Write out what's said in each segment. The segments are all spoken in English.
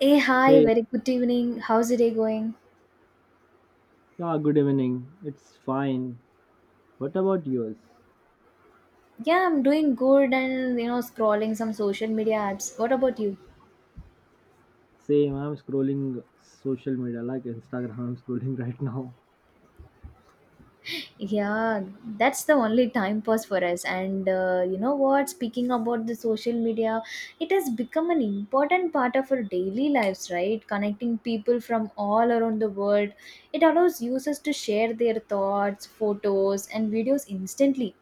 Hey, hi, Hey, very good evening. How's the day going? yeah, good evening. It's fine. What about yours? Yeah, I'm doing good and scrolling some social media apps. What about you? Same, I'm scrolling social media like Instagram. I'm scrolling right now. Yeah, that's the only time pass for us. And you know what? Speaking about the social media, it has become an important part of our daily lives, right? Connecting people from all around the world. It allows users to share their thoughts, photos, and videos instantly,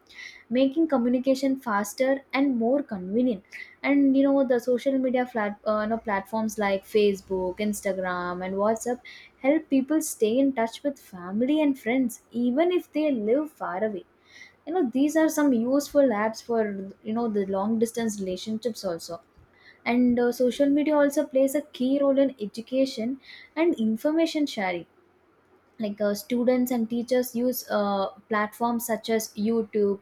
making communication faster and more convenient. And the social media platforms like Facebook, Instagram, and WhatsApp help people stay in touch with family and friends even if they live far away. These are some useful apps for the long distance relationships also. And social media also plays a key role in education and information sharing. Like students and teachers use platforms such as YouTube,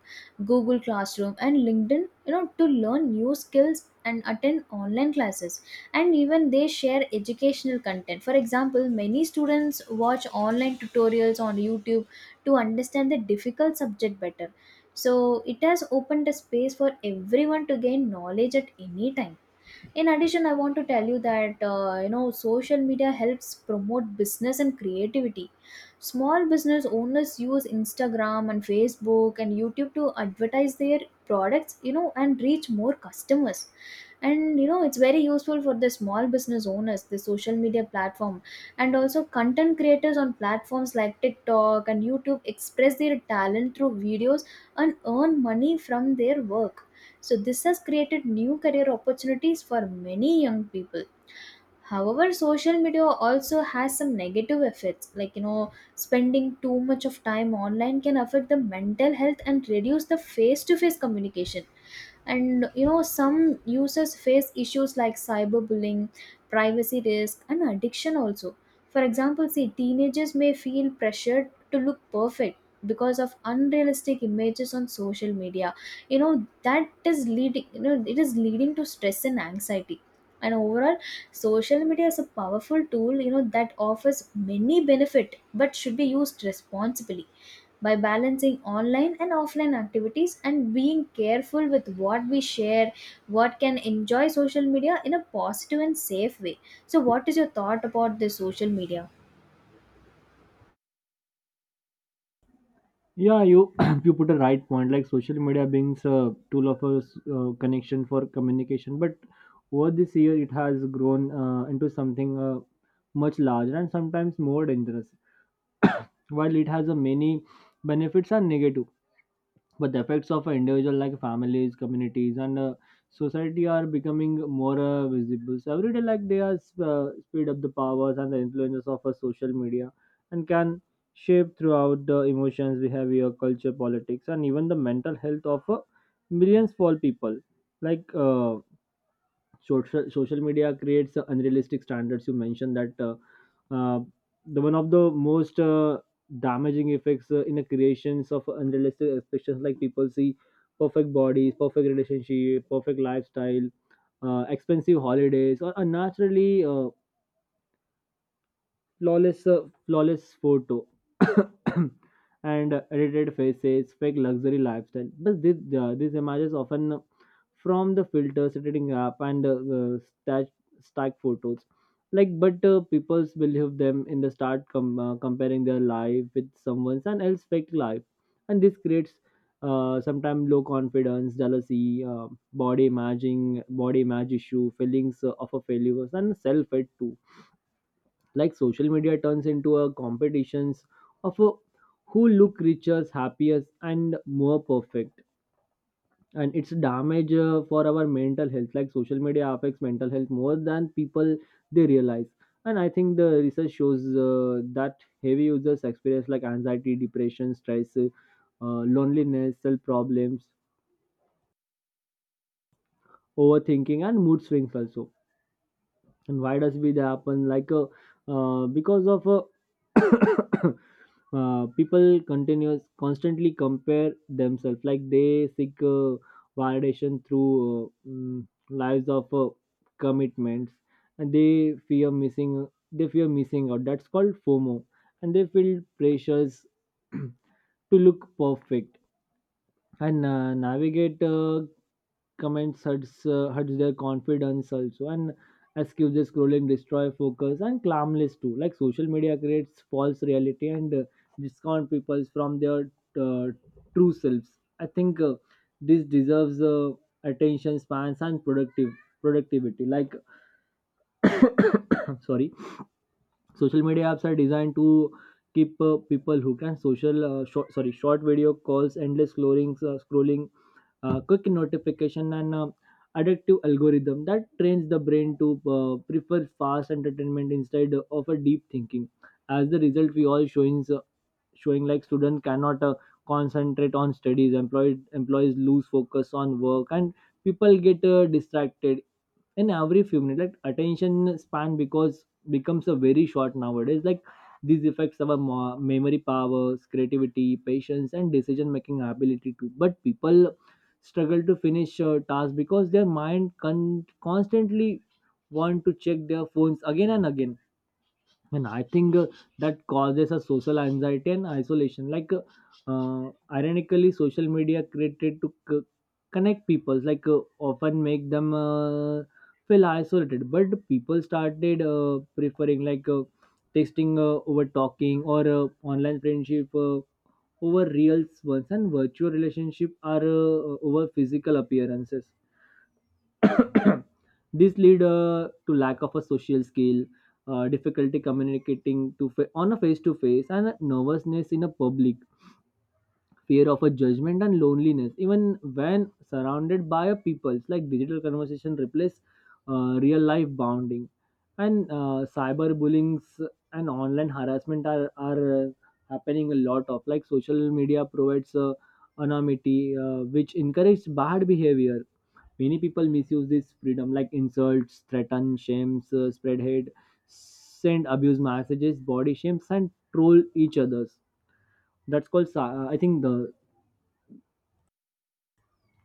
Google Classroom, and LinkedIn to learn new skills and attend online classes, and even they share educational content. For example, many students watch online tutorials on YouTube to understand the difficult subject better. So it has opened a space for everyone to gain knowledge at any time. In addition, I want to tell you that social media helps promote business and creativity. Small business owners use Instagram and Facebook and YouTube to advertise their products, and reach more customers. And it's very useful for the small business owners, the social media platform. And also content creators on platforms like TikTok and YouTube express their talent through videos and earn money from their work. So, this has created new career opportunities for many young people. However, social media also has some negative effects, like spending too much of time online can affect the mental health and reduce the face to face communication. And some users face issues like cyberbullying, privacy risk, and addiction also. For example, see teenagers may feel pressured to look perfect because of unrealistic images on social media. That is leading you know it is leading to stress and anxiety. And overall, social media is a powerful tool, that offers many benefit but should be used responsibly. By balancing online and offline activities and being careful with what we share, what can enjoy social media in a positive and safe way. So what is your thought about this social media? Yeah, you you put a right point. Like social media being a tool of a connection for communication, but over this year it has grown into something much larger and sometimes more dangerous. While it has a many benefits and negative. But the effects of an individual like families, communities, and society are becoming more visible. So every day, like they are speed up the powers and the influences of social media and can shape throughout the emotions, behavior, culture, politics, and even the mental health of millions of people. like uh, social media creates unrealistic standards. You mentioned that uh, the one of the most damaging effects in the creations of unrealistic expectations, like people see perfect bodies, perfect relationship, perfect lifestyle, expensive holidays, or unnaturally flawless photo and edited faces, fake luxury lifestyle. But these images often from the filters, editing app, and stack photos. Like, but people's believe them in the comparing their life with someone's and else fake life. And this creates sometimes low confidence, jealousy, body image issue, feelings of a failure, and self hate too. Like social media turns into a competitions of who look richest, happiest, and more perfect, and it's damage for our mental health. Like social media affects mental health more than people they realize. And I think the research shows that heavy users experience like anxiety, depression, stress, loneliness, self problems, overthinking, and mood swings also. And why does it happen? Like because of people continuous constantly compare themselves, like they seek validation through lives of commitments, and they fear missing out, that's called FOMO. And they feel pressures to look perfect, and navigate comments hurts hurts their confidence also, and excuses scrolling destroy focus and calmness too. Like social media creates false reality and discount people from their uh, true selves. I think this deserves attention spans and productive productivity. Like sorry, social media apps are designed to keep people who can social short, sorry short video calls, endless scrolling, quick notification, and addictive algorithm that trains the brain to prefer fast entertainment instead of a deep thinking. As the result, we all showing like student cannot concentrate on studies, employed employees lose focus on work, and people get distracted in every few minutes. Like attention span because becomes a very short nowadays. Like these affects our memory powers, creativity, patience, and decision making ability too. But people struggle to finish tasks because their mind constantly want to check their phones again and again. And I think that causes a social anxiety and isolation. Ironically, social media created to connect people, like often make them feel isolated. But people started preferring like texting over talking, or online friendship over real ones, and virtual relationship are over physical appearances. This lead to lack of a social skill, difficulty communicating to on a face to face, and a nervousness in a public, fear of a judgment, and loneliness even when surrounded by a people. Like digital conversation replace real life bonding, and cyber bullings and online harassment are happening a lot of. Like social media provides anonymity which encourages bad behavior. Many people misuse this freedom, like insults, threaten, shames, spread hate, send abuse messages, body shames, and troll each others. That's called cy- I think the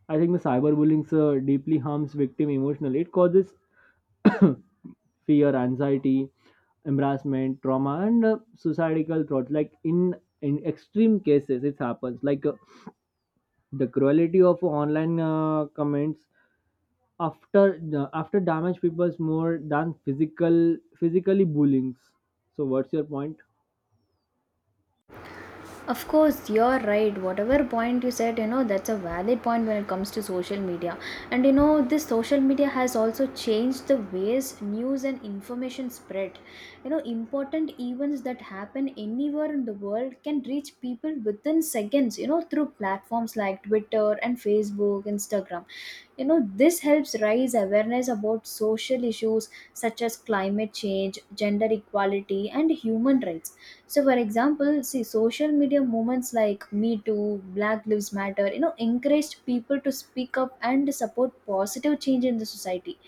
I think the cyberbullying deeply harms victim emotionally. It causes fear, anxiety, embarrassment, trauma, and suicidal thoughts. Like in extreme cases, it happens. Like the cruelty of online comments after damage people's more than physically bullying. So, what's your point? Of course, you're right. Whatever point you said, that's a valid point when it comes to social media. And this social media has also changed the ways news and information spread. Important events that happen anywhere in the world can reach people within seconds, through platforms like Twitter and Facebook, Instagram. This helps raise awareness about social issues such as climate change, gender equality, and human rights. So, for example, see social media movements like Me Too, Black Lives Matter encouraged people to speak up and support positive change in the society.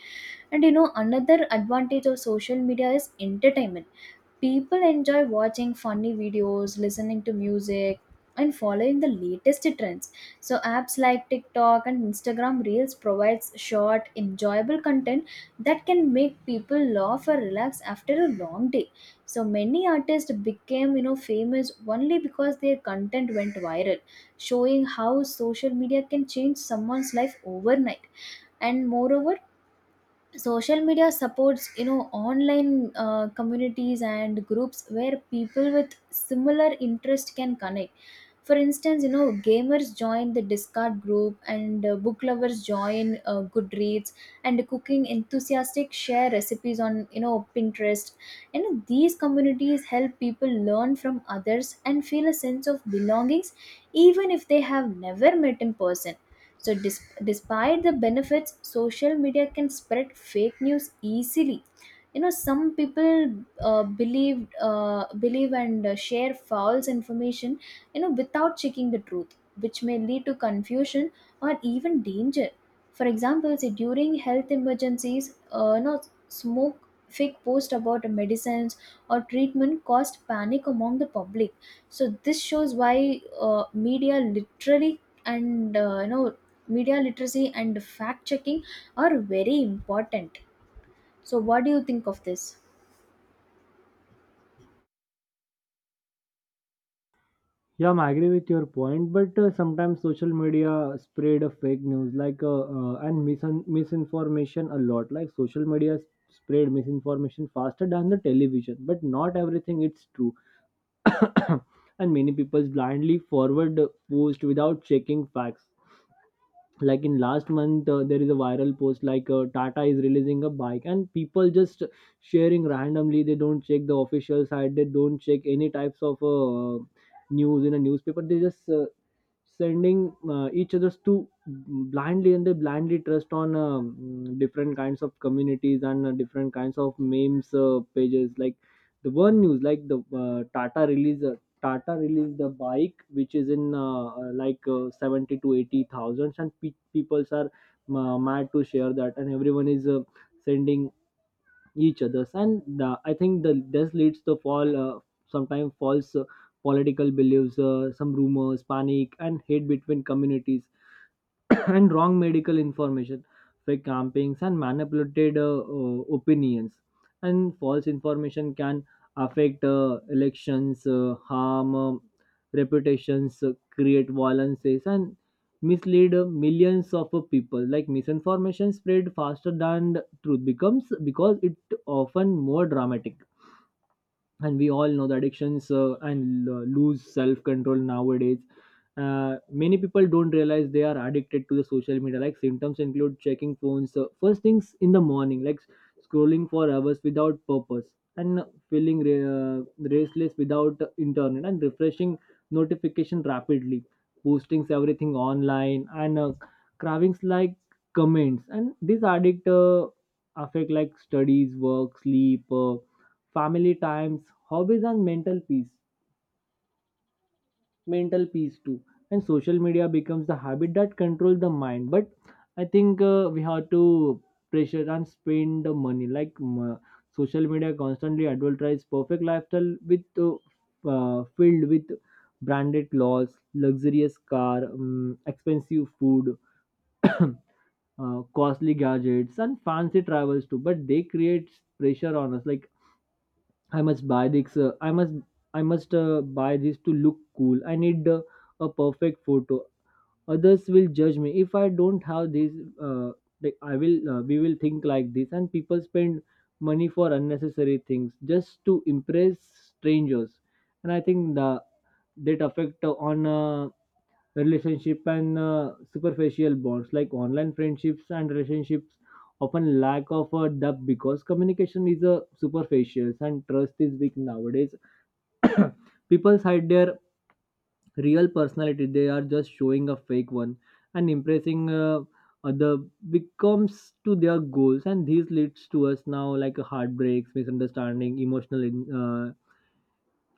And another advantage of social media is entertainment. People enjoy watching funny videos, listening to music, and following the latest trends. So apps like TikTok and Instagram Reels provides short, enjoyable content that can make people laugh or relax after a long day. So many artists became, famous only because their content went viral, showing how social media can change someone's life overnight. And moreover, social media supports online communities and groups where people with similar interest can connect. For instance, gamers join the discard group, and book lovers join Goodreads, and cooking enthusiasts share recipes on Pinterest. These communities help people learn from others and feel a sense of belongings, even if they have never met in person. So, despite the benefits, social media can spread fake news easily. Some people believe and share false information, without checking the truth, which may lead to confusion or even danger. For example, say during health emergencies, smoke fake post about medicines or treatment caused panic among the public. So this shows why media literally and you know media literacy and fact checking are very important. So what do you think of this? Yeah, I agree with your point, but sometimes social media spread a fake news like and misinformation a lot. Like social media spread misinformation faster than the television, but not everything it's true. And many people blindly forward the post without checking facts. Like in last month, there is a viral post like Tata is releasing a bike, and people just sharing randomly. They don't check the official site. They don't check any types of. News in a newspaper, they just sending each others to blindly, and they blindly trust on different kinds of communities and different kinds of memes pages. Like the one news like the tata released the bike which is in 70 to 80 thousands, and people are mad to share that, and everyone is sending each others. And the, I think the this leads to fall sometimes false political beliefs, some rumors, panic, and hate between communities, and wrong medical information, fake campaigns, and manipulated opinions. And false information can affect elections, harm reputations, create violences, and mislead millions of people. Like misinformation spread faster than the truth becomes because it often more dramatic. And we all know the addictions and lose self control nowadays. Many people don't realize they are addicted to the social media. Like symptoms include checking phones first things in the morning, like scrolling for hours without purpose, and feeling restless without internet, and refreshing notification rapidly, postings everything online, and cravings like comments. And these addict affect like studies, work, sleep, family times, hobbies, and mental peace. Mental peace too. And social media becomes the habit that controls the mind. But I think we have to pressure and spend the money. Like social media constantly advertises perfect lifestyle with filled with branded clothes, luxurious car, expensive food, uh, costly gadgets, and fancy travels too. But they create pressure on us. Like I must buy this. I must buy this to look cool. I need a perfect photo. Others will judge me if I don't have this. Uh, like I will. We will think like this, and people spend money for unnecessary things just to impress strangers. And I think the that affect on relationship and superficial bonds. Like online friendships and relationships often lack of a depth because communication is a superficial and trust is weak nowadays. People hide their real personality, they are just showing a fake one, and impressing other becomes to their goals. And this leads to us now like a heartbreaks, misunderstanding, emotional in, uh,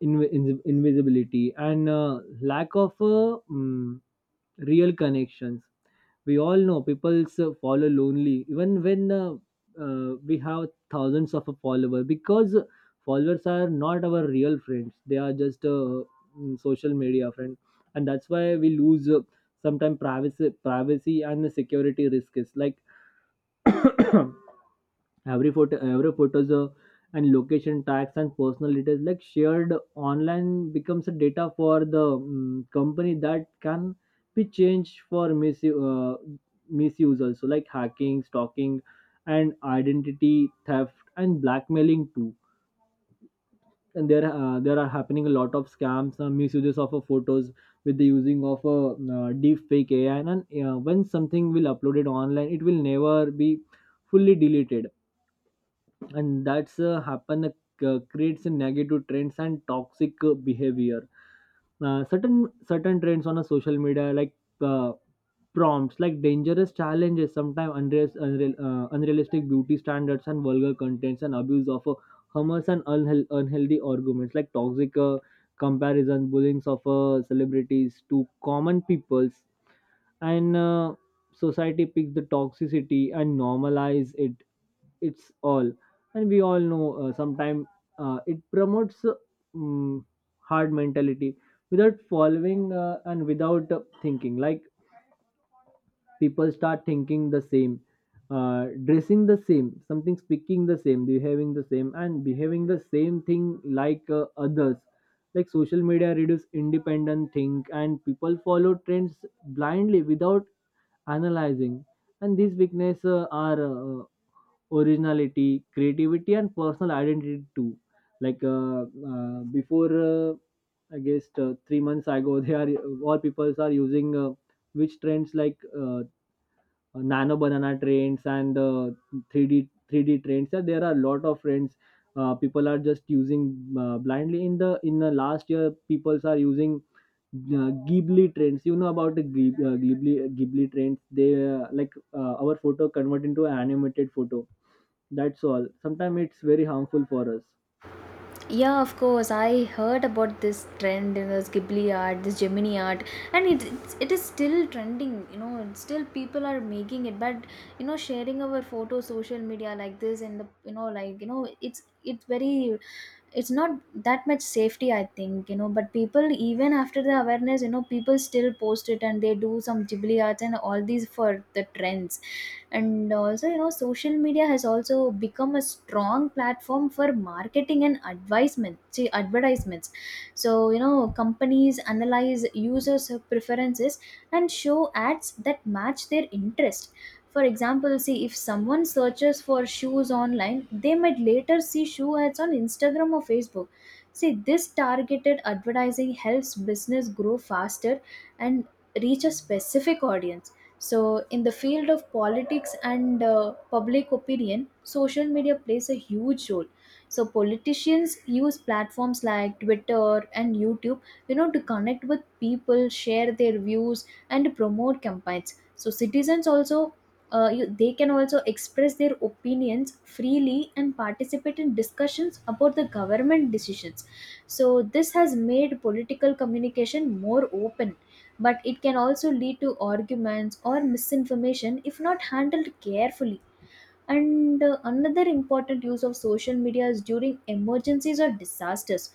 invi- invi- invisibility, and lack of real connections. We all know people follow lonely even when we have thousands of followers, because followers are not our real friends, they are just social media friend. And that's why we lose sometimes privacy and the security risks. Like every photos and location tags and personal details like shared online becomes a data for the company that can be changed for misuse also, like hacking, stalking, and identity theft, and blackmailing too. And there are happening a lot of scams, misuses of photos with the using of a deep fake AI. And when something will uploaded online, it will never be fully deleted. And that's happen, creates a negative trends and toxic behavior. Certain trends on a social media, like uh, prompts like dangerous challenges, sometimes unrealistic beauty standards, and vulgar contents, and abuse of humors, and unhealthy arguments, like toxic comparison, bullying of celebrities to common peoples. And society picks the toxicity and normalize it. It's all. And we all know sometimes it promotes mm, hard mentality without following and without thinking. Like people start thinking the same, dressing the same, something speaking the same, behaving the same thing like others. Like social media reduce independent think, and people follow trends blindly without analyzing. And these weakness are originality, creativity, and personal identity too. Before, I guess 3 months ago, they are all people are using which trends like nano banana trends and 3D 3D trends. So there are a lot of trends. People are just using blindly. In the last year, people are using Ghibli trends. You know about the Ghibli trends. They like our photo convert into an animated photo, that's all. Sometimes it's very harmful for us. Yeah, of course, I heard about this trend, in this ghibli art, this gemini art. And it is still trending. It's still people are making it, but sharing our photo social media like this, and the you know like you know it's not that much safety, I think, but people, even after the awareness, people still post it, and they do some ghibli arts and all these for the trends. And also, social media has also become a strong platform for marketing and advisement see advertisements. So companies analyze users preferences and show ads that match their interest. For example, see if someone searches for shoes online, they might later see shoe ads on Instagram or Facebook. See, this targeted advertising helps business grow faster and reach a specific audience. So, in the field of politics and public opinion, social media plays a huge role. So, politicians use platforms like Twitter and YouTube, to connect with people, share their views, and promote campaigns. So, citizens also they can also express their opinions freely and participate in discussions about the government decisions. So, this has made political communication more open, but it can also lead to arguments or misinformation if not handled carefully. And another important use of social media is during emergencies or disasters.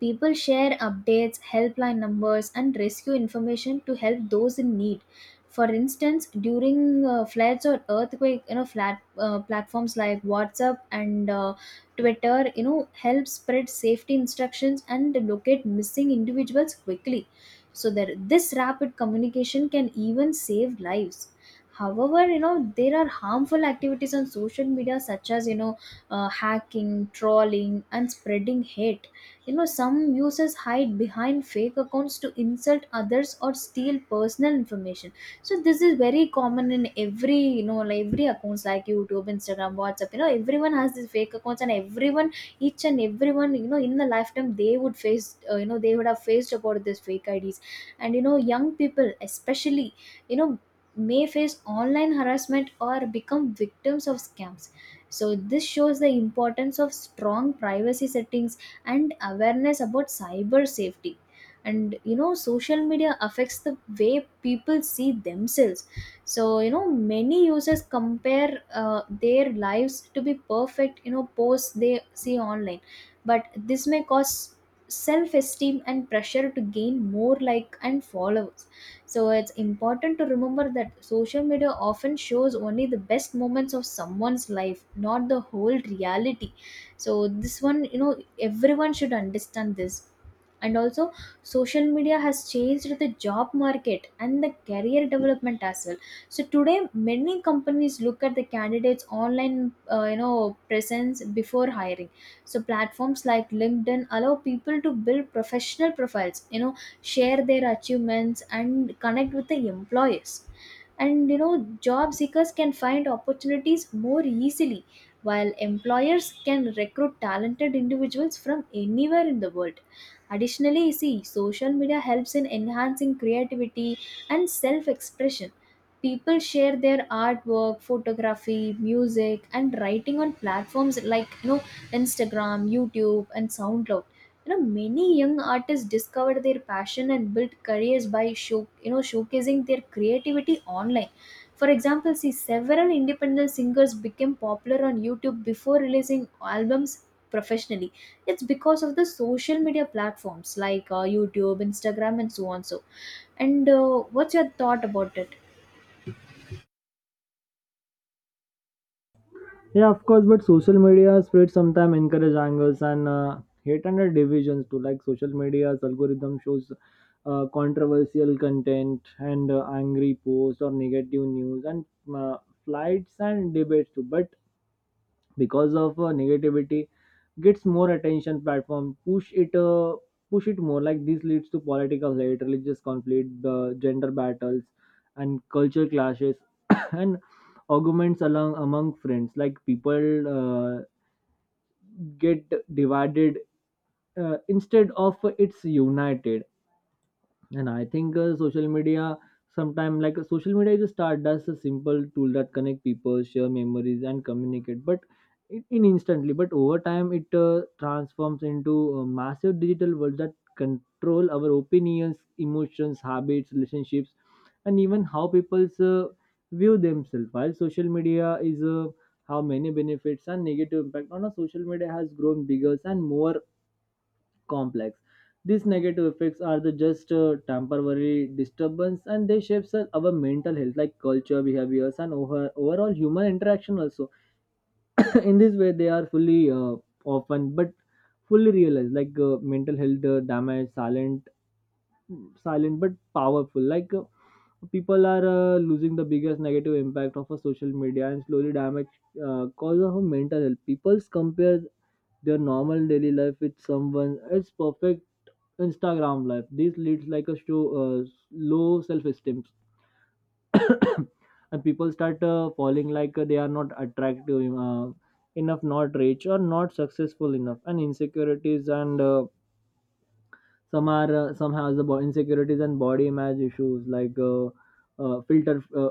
People share updates, helpline numbers, and rescue information to help those in need. For instance, during floods or earthquake, platforms like WhatsApp and Twitter, help spread safety instructions and locate missing individuals quickly. So that this rapid communication can even save lives. However, there are harmful activities on social media such as, hacking, trolling, and spreading hate. Some users hide behind fake accounts to insult others or steal personal information. So this is very common in every accounts like YouTube, Instagram, WhatsApp. Everyone has these fake accounts, and each and everyone, in the lifetime, they would have faced about these fake IDs. And young people, especially, you know, may face online harassment or become victims of scams. So, this shows the importance of strong privacy settings and awareness about cyber safety. And social media affects the way people see themselves. So many users compare their lives to be perfect posts they see online. But this may cause self-esteem and pressure to gain more like and followers. So it's important to remember that social media often shows only the best moments of someone's life, not the whole reality. So this one, everyone should understand this. And also, social media has changed the job market and the career development as well. So today many companies look at the candidates online presence before hiring. So platforms like LinkedIn allow people to build professional profiles, share their achievements and connect with the employers. And job seekers can find opportunities more easily, while employers can recruit talented individuals from anywhere in the world. Additionally, you see, social media helps in enhancing creativity and self expression. People share their artwork, photography, music, and writing on platforms like Instagram, YouTube, and SoundCloud. Many young artists discovered their passion and built careers by showcasing their creativity online. For example, see several independent singers became popular on YouTube before releasing albums professionally. It's because of the social media platforms like YouTube, Instagram, and so on. So, and what's your thought about it? Yeah, of course, but social media spread sometimes encourage angers and hate and divisions too. Like social media's algorithm shows controversial content and angry posts or negative news and uh, flights and debates too. But because of negativity gets more attention, platform push it more. Like this leads to political hate, religious conflict, the gender battles and culture clashes and arguments along among friends. Like people uh, get divided instead of it's united. And I think social media sometime, like social media is a start as a simple tool that connect people, share memories, and communicate. But in instantly, but over time, it transforms into a massive digital world that control our opinions, emotions, habits, relationships, and even how people view themselves. While social media is how many benefits and negative impact on a social media has grown bigger and more complex. These negative effects are the just temporary disturbance and they shapes our mental health like culture, behaviors and overall human interaction also. In this way they are fully often but fully realized like mental health damage silent, silent but powerful. Like people are losing the biggest negative impact of a social media and slowly damage cause of a mental health. People compare their normal daily life with someone else perfect Instagram life. This leads like a show low self-esteem, and people start falling like they are not attractive enough, not rich or not successful enough, and insecurities and some are some has the insecurities and body image issues. Like uh, filter uh,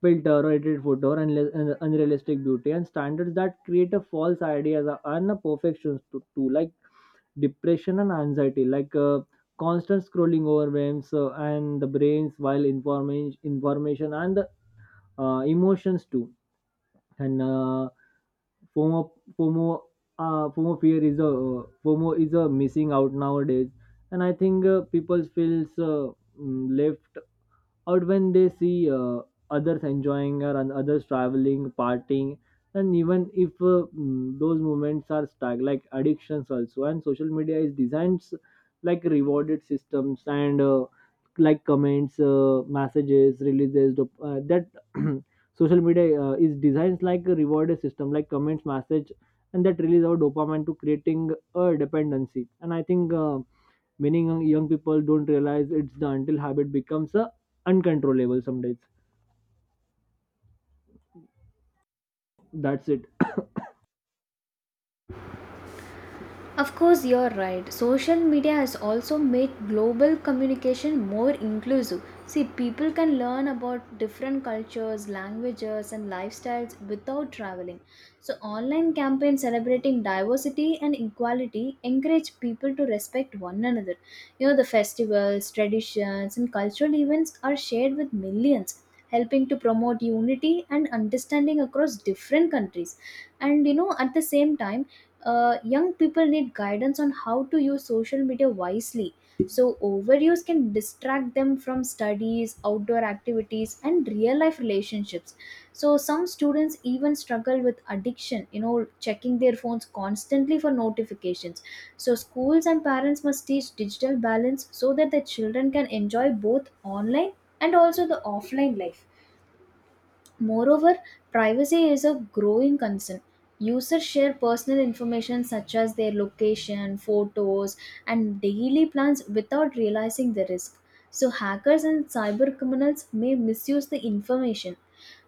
filter or edited photo or unrealistic beauty and standards that create a false ideas and a perfections to like depression and anxiety. Like constant scrolling overwhelms and the brains while information and the emotions too, and FOMO FOMO FOMO fear is a FOMO is a missing out nowadays, and I think people feels left or when they see others enjoying or and others traveling, partying. And even if those moments are stuck like addictions also. And social media is like rewarded systems and like comments messages releases that social media is designed like a rewarded system, like comments, message, and that release our dopamine to creating a dependency. And I think many young people don't realize it's the until habit becomes a uncontrollable some days. That's it. Of course, you're right. Social media has also made global communication more inclusive. See, people can learn about different cultures, languages, and lifestyles without traveling. So, online campaigns celebrating diversity and equality encourage people to respect one another. The festivals, traditions, and cultural events are shared with millions, helping to promote unity and understanding across different countries. And at the same time, young people need guidance on how to use social media wisely. So, overuse can distract them from studies, outdoor activities, and real life relationships. So, some students even struggle with addiction, checking their phones constantly for notifications. So, schools and parents must teach digital balance so that the children can enjoy both online and also the offline life. Moreover, privacy is a growing concern. Users share personal information such as their location, photos, and daily plans without realizing the risk. So, hackers and cyber criminals may misuse the information.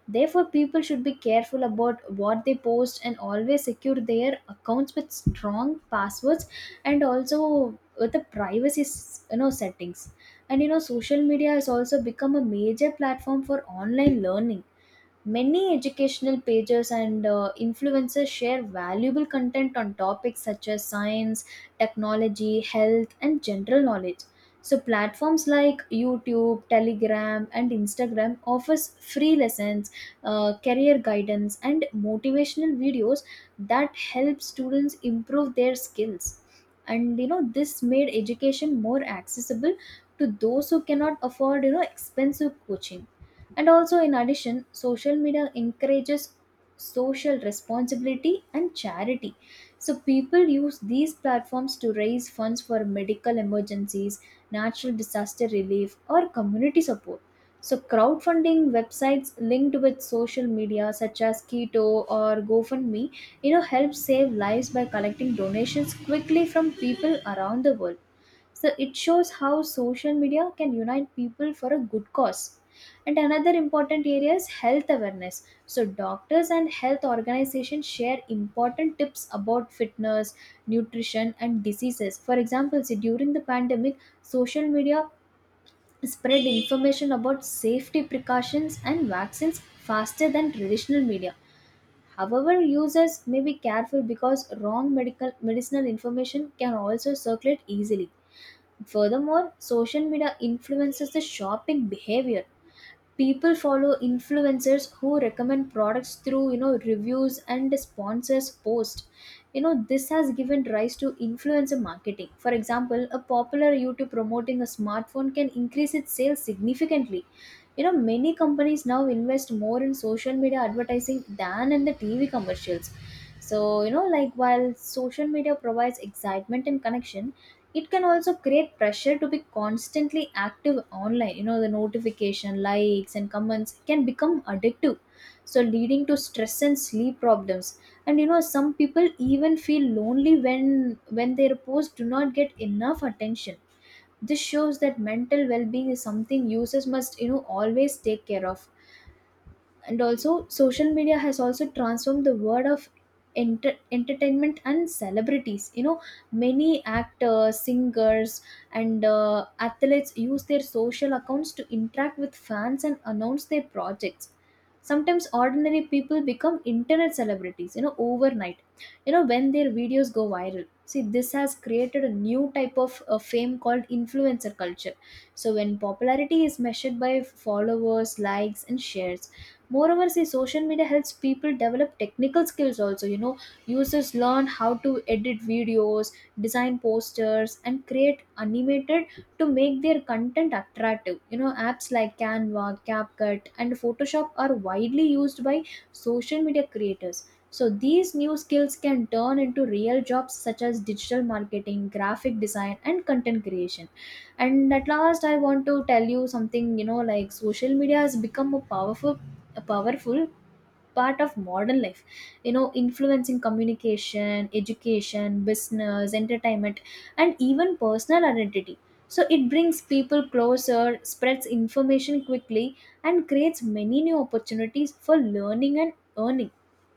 Therefore, people should be careful about what they post and always secure their accounts with strong passwords and also with the privacy settings. Social media has also become a major platform for online learning. Many educational pages and influencers share valuable content on topics such as science, technology, health, and general knowledge. So, platforms like YouTube, Telegram, and Instagram offers free lessons, career guidance, and motivational videos that help students improve their skills. This made education more accessible to those who cannot afford expensive coaching. And also, in addition, social media encourages social responsibility and charity. So, people use these platforms to raise funds for medical emergencies, natural disaster relief, or community support. So, crowdfunding websites linked with social media, such as Keto or GoFundMe, help save lives by collecting donations quickly from people around the world. So it shows how social media can unite people for a good cause. And another important area is health awareness. So doctors and health organizations share important tips about fitness, nutrition, and diseases. For example, see, during the pandemic, social media spread information about safety precautions and vaccines faster than traditional media. However, users may be careful because wrong medical medicinal information can also circulate easily. Furthermore, social media influences the shopping behavior. People follow influencers who recommend products through, reviews and sponsors post. This has given rise to influencer marketing. For example, a popular YouTube promoting a smartphone can increase its sales significantly. Many companies now invest more in social media advertising than in the TV commercials. So, while social media provides excitement and connection, it can also create pressure to be constantly active online. The notification, likes, and comments can become addictive. So, leading to stress and sleep problems. Some people even feel lonely when their posts do not get enough attention. This shows that mental well-being is something users must, always take care of. And also, social media has also transformed the world of entertainment and celebrities. Many actors, singers, and athletes use their social accounts to interact with fans and announce their projects. Sometimes ordinary people become internet celebrities, overnight, when their videos go viral. See, this has created a new type of fame called influencer culture, so when popularity is measured by followers, likes, and shares. Moreover, see, social media helps people develop technical skills also. Users learn how to edit videos, design posters, and create animated to make their content attractive. Apps like Canva, CapCut, and Photoshop are widely used by social media creators. So these new skills can turn into real jobs such as digital marketing, graphic design, and content creation. And at last, I want to tell you something. Social media has become a powerful, a powerful part of modern life, influencing communication, education, business, entertainment, and even personal identity. So it brings people closer, spreads information quickly, and creates many new opportunities for learning and earning.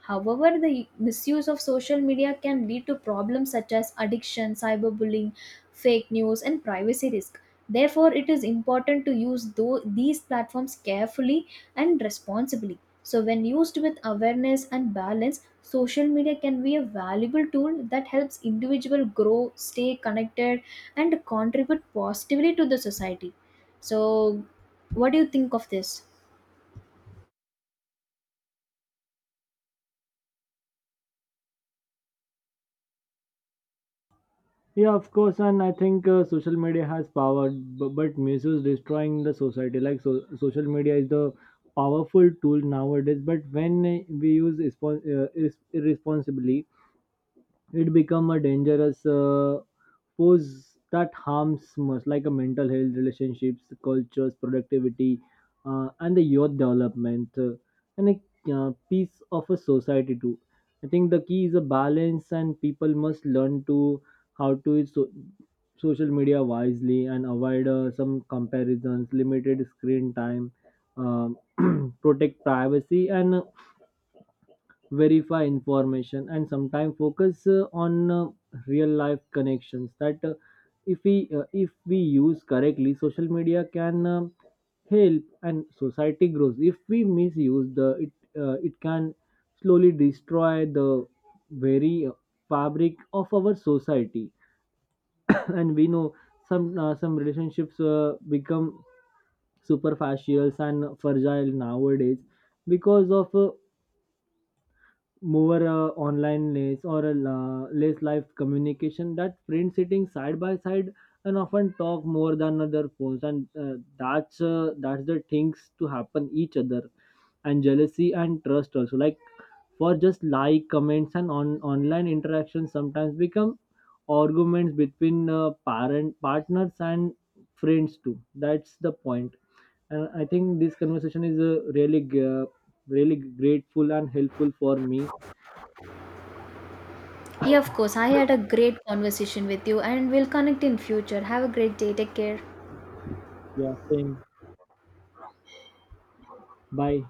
However, the misuse of social media can lead to problems such as addiction, cyberbullying, fake news, and privacy risk. Therefore, it is important to use these platforms carefully and responsibly. So, when used with awareness and balance, social media can be a valuable tool that helps individual grow, stay connected, and contribute positively to the society. So, what do you think of this? Yeah, of course, and I think social media has power, but misuse destroying the society. Like so, social media is the powerful tool nowadays, but when we use irresponsibly, it become a dangerous pose that harms much like a mental health, relationships, cultures, productivity, and the youth development, and a piece of a society too. I think the key is a balance and people must learn to how to social media wisely and avoid some comparisons, limited screen time, um, protect privacy and verify information and sometimes focus on real life connections. That if we use correctly social media can help and society grows. If we misuse the it, it can slowly destroy the very fabric of our society. And we know some relationships become superficial and fragile nowadays because of more online, less or a lace life communication, that friends sitting side by side and often talk more than other phones. And that's the things to happen each other. And jealousy and trust also, like for just like comments and on online interactions sometimes become arguments between parent, partners and friends too. That's the point. And I think this conversation is really grateful and helpful for me. Yeah, of course. I had a great conversation with you, and we'll connect in future. Have a great day. Take care. Yeah, same. Bye.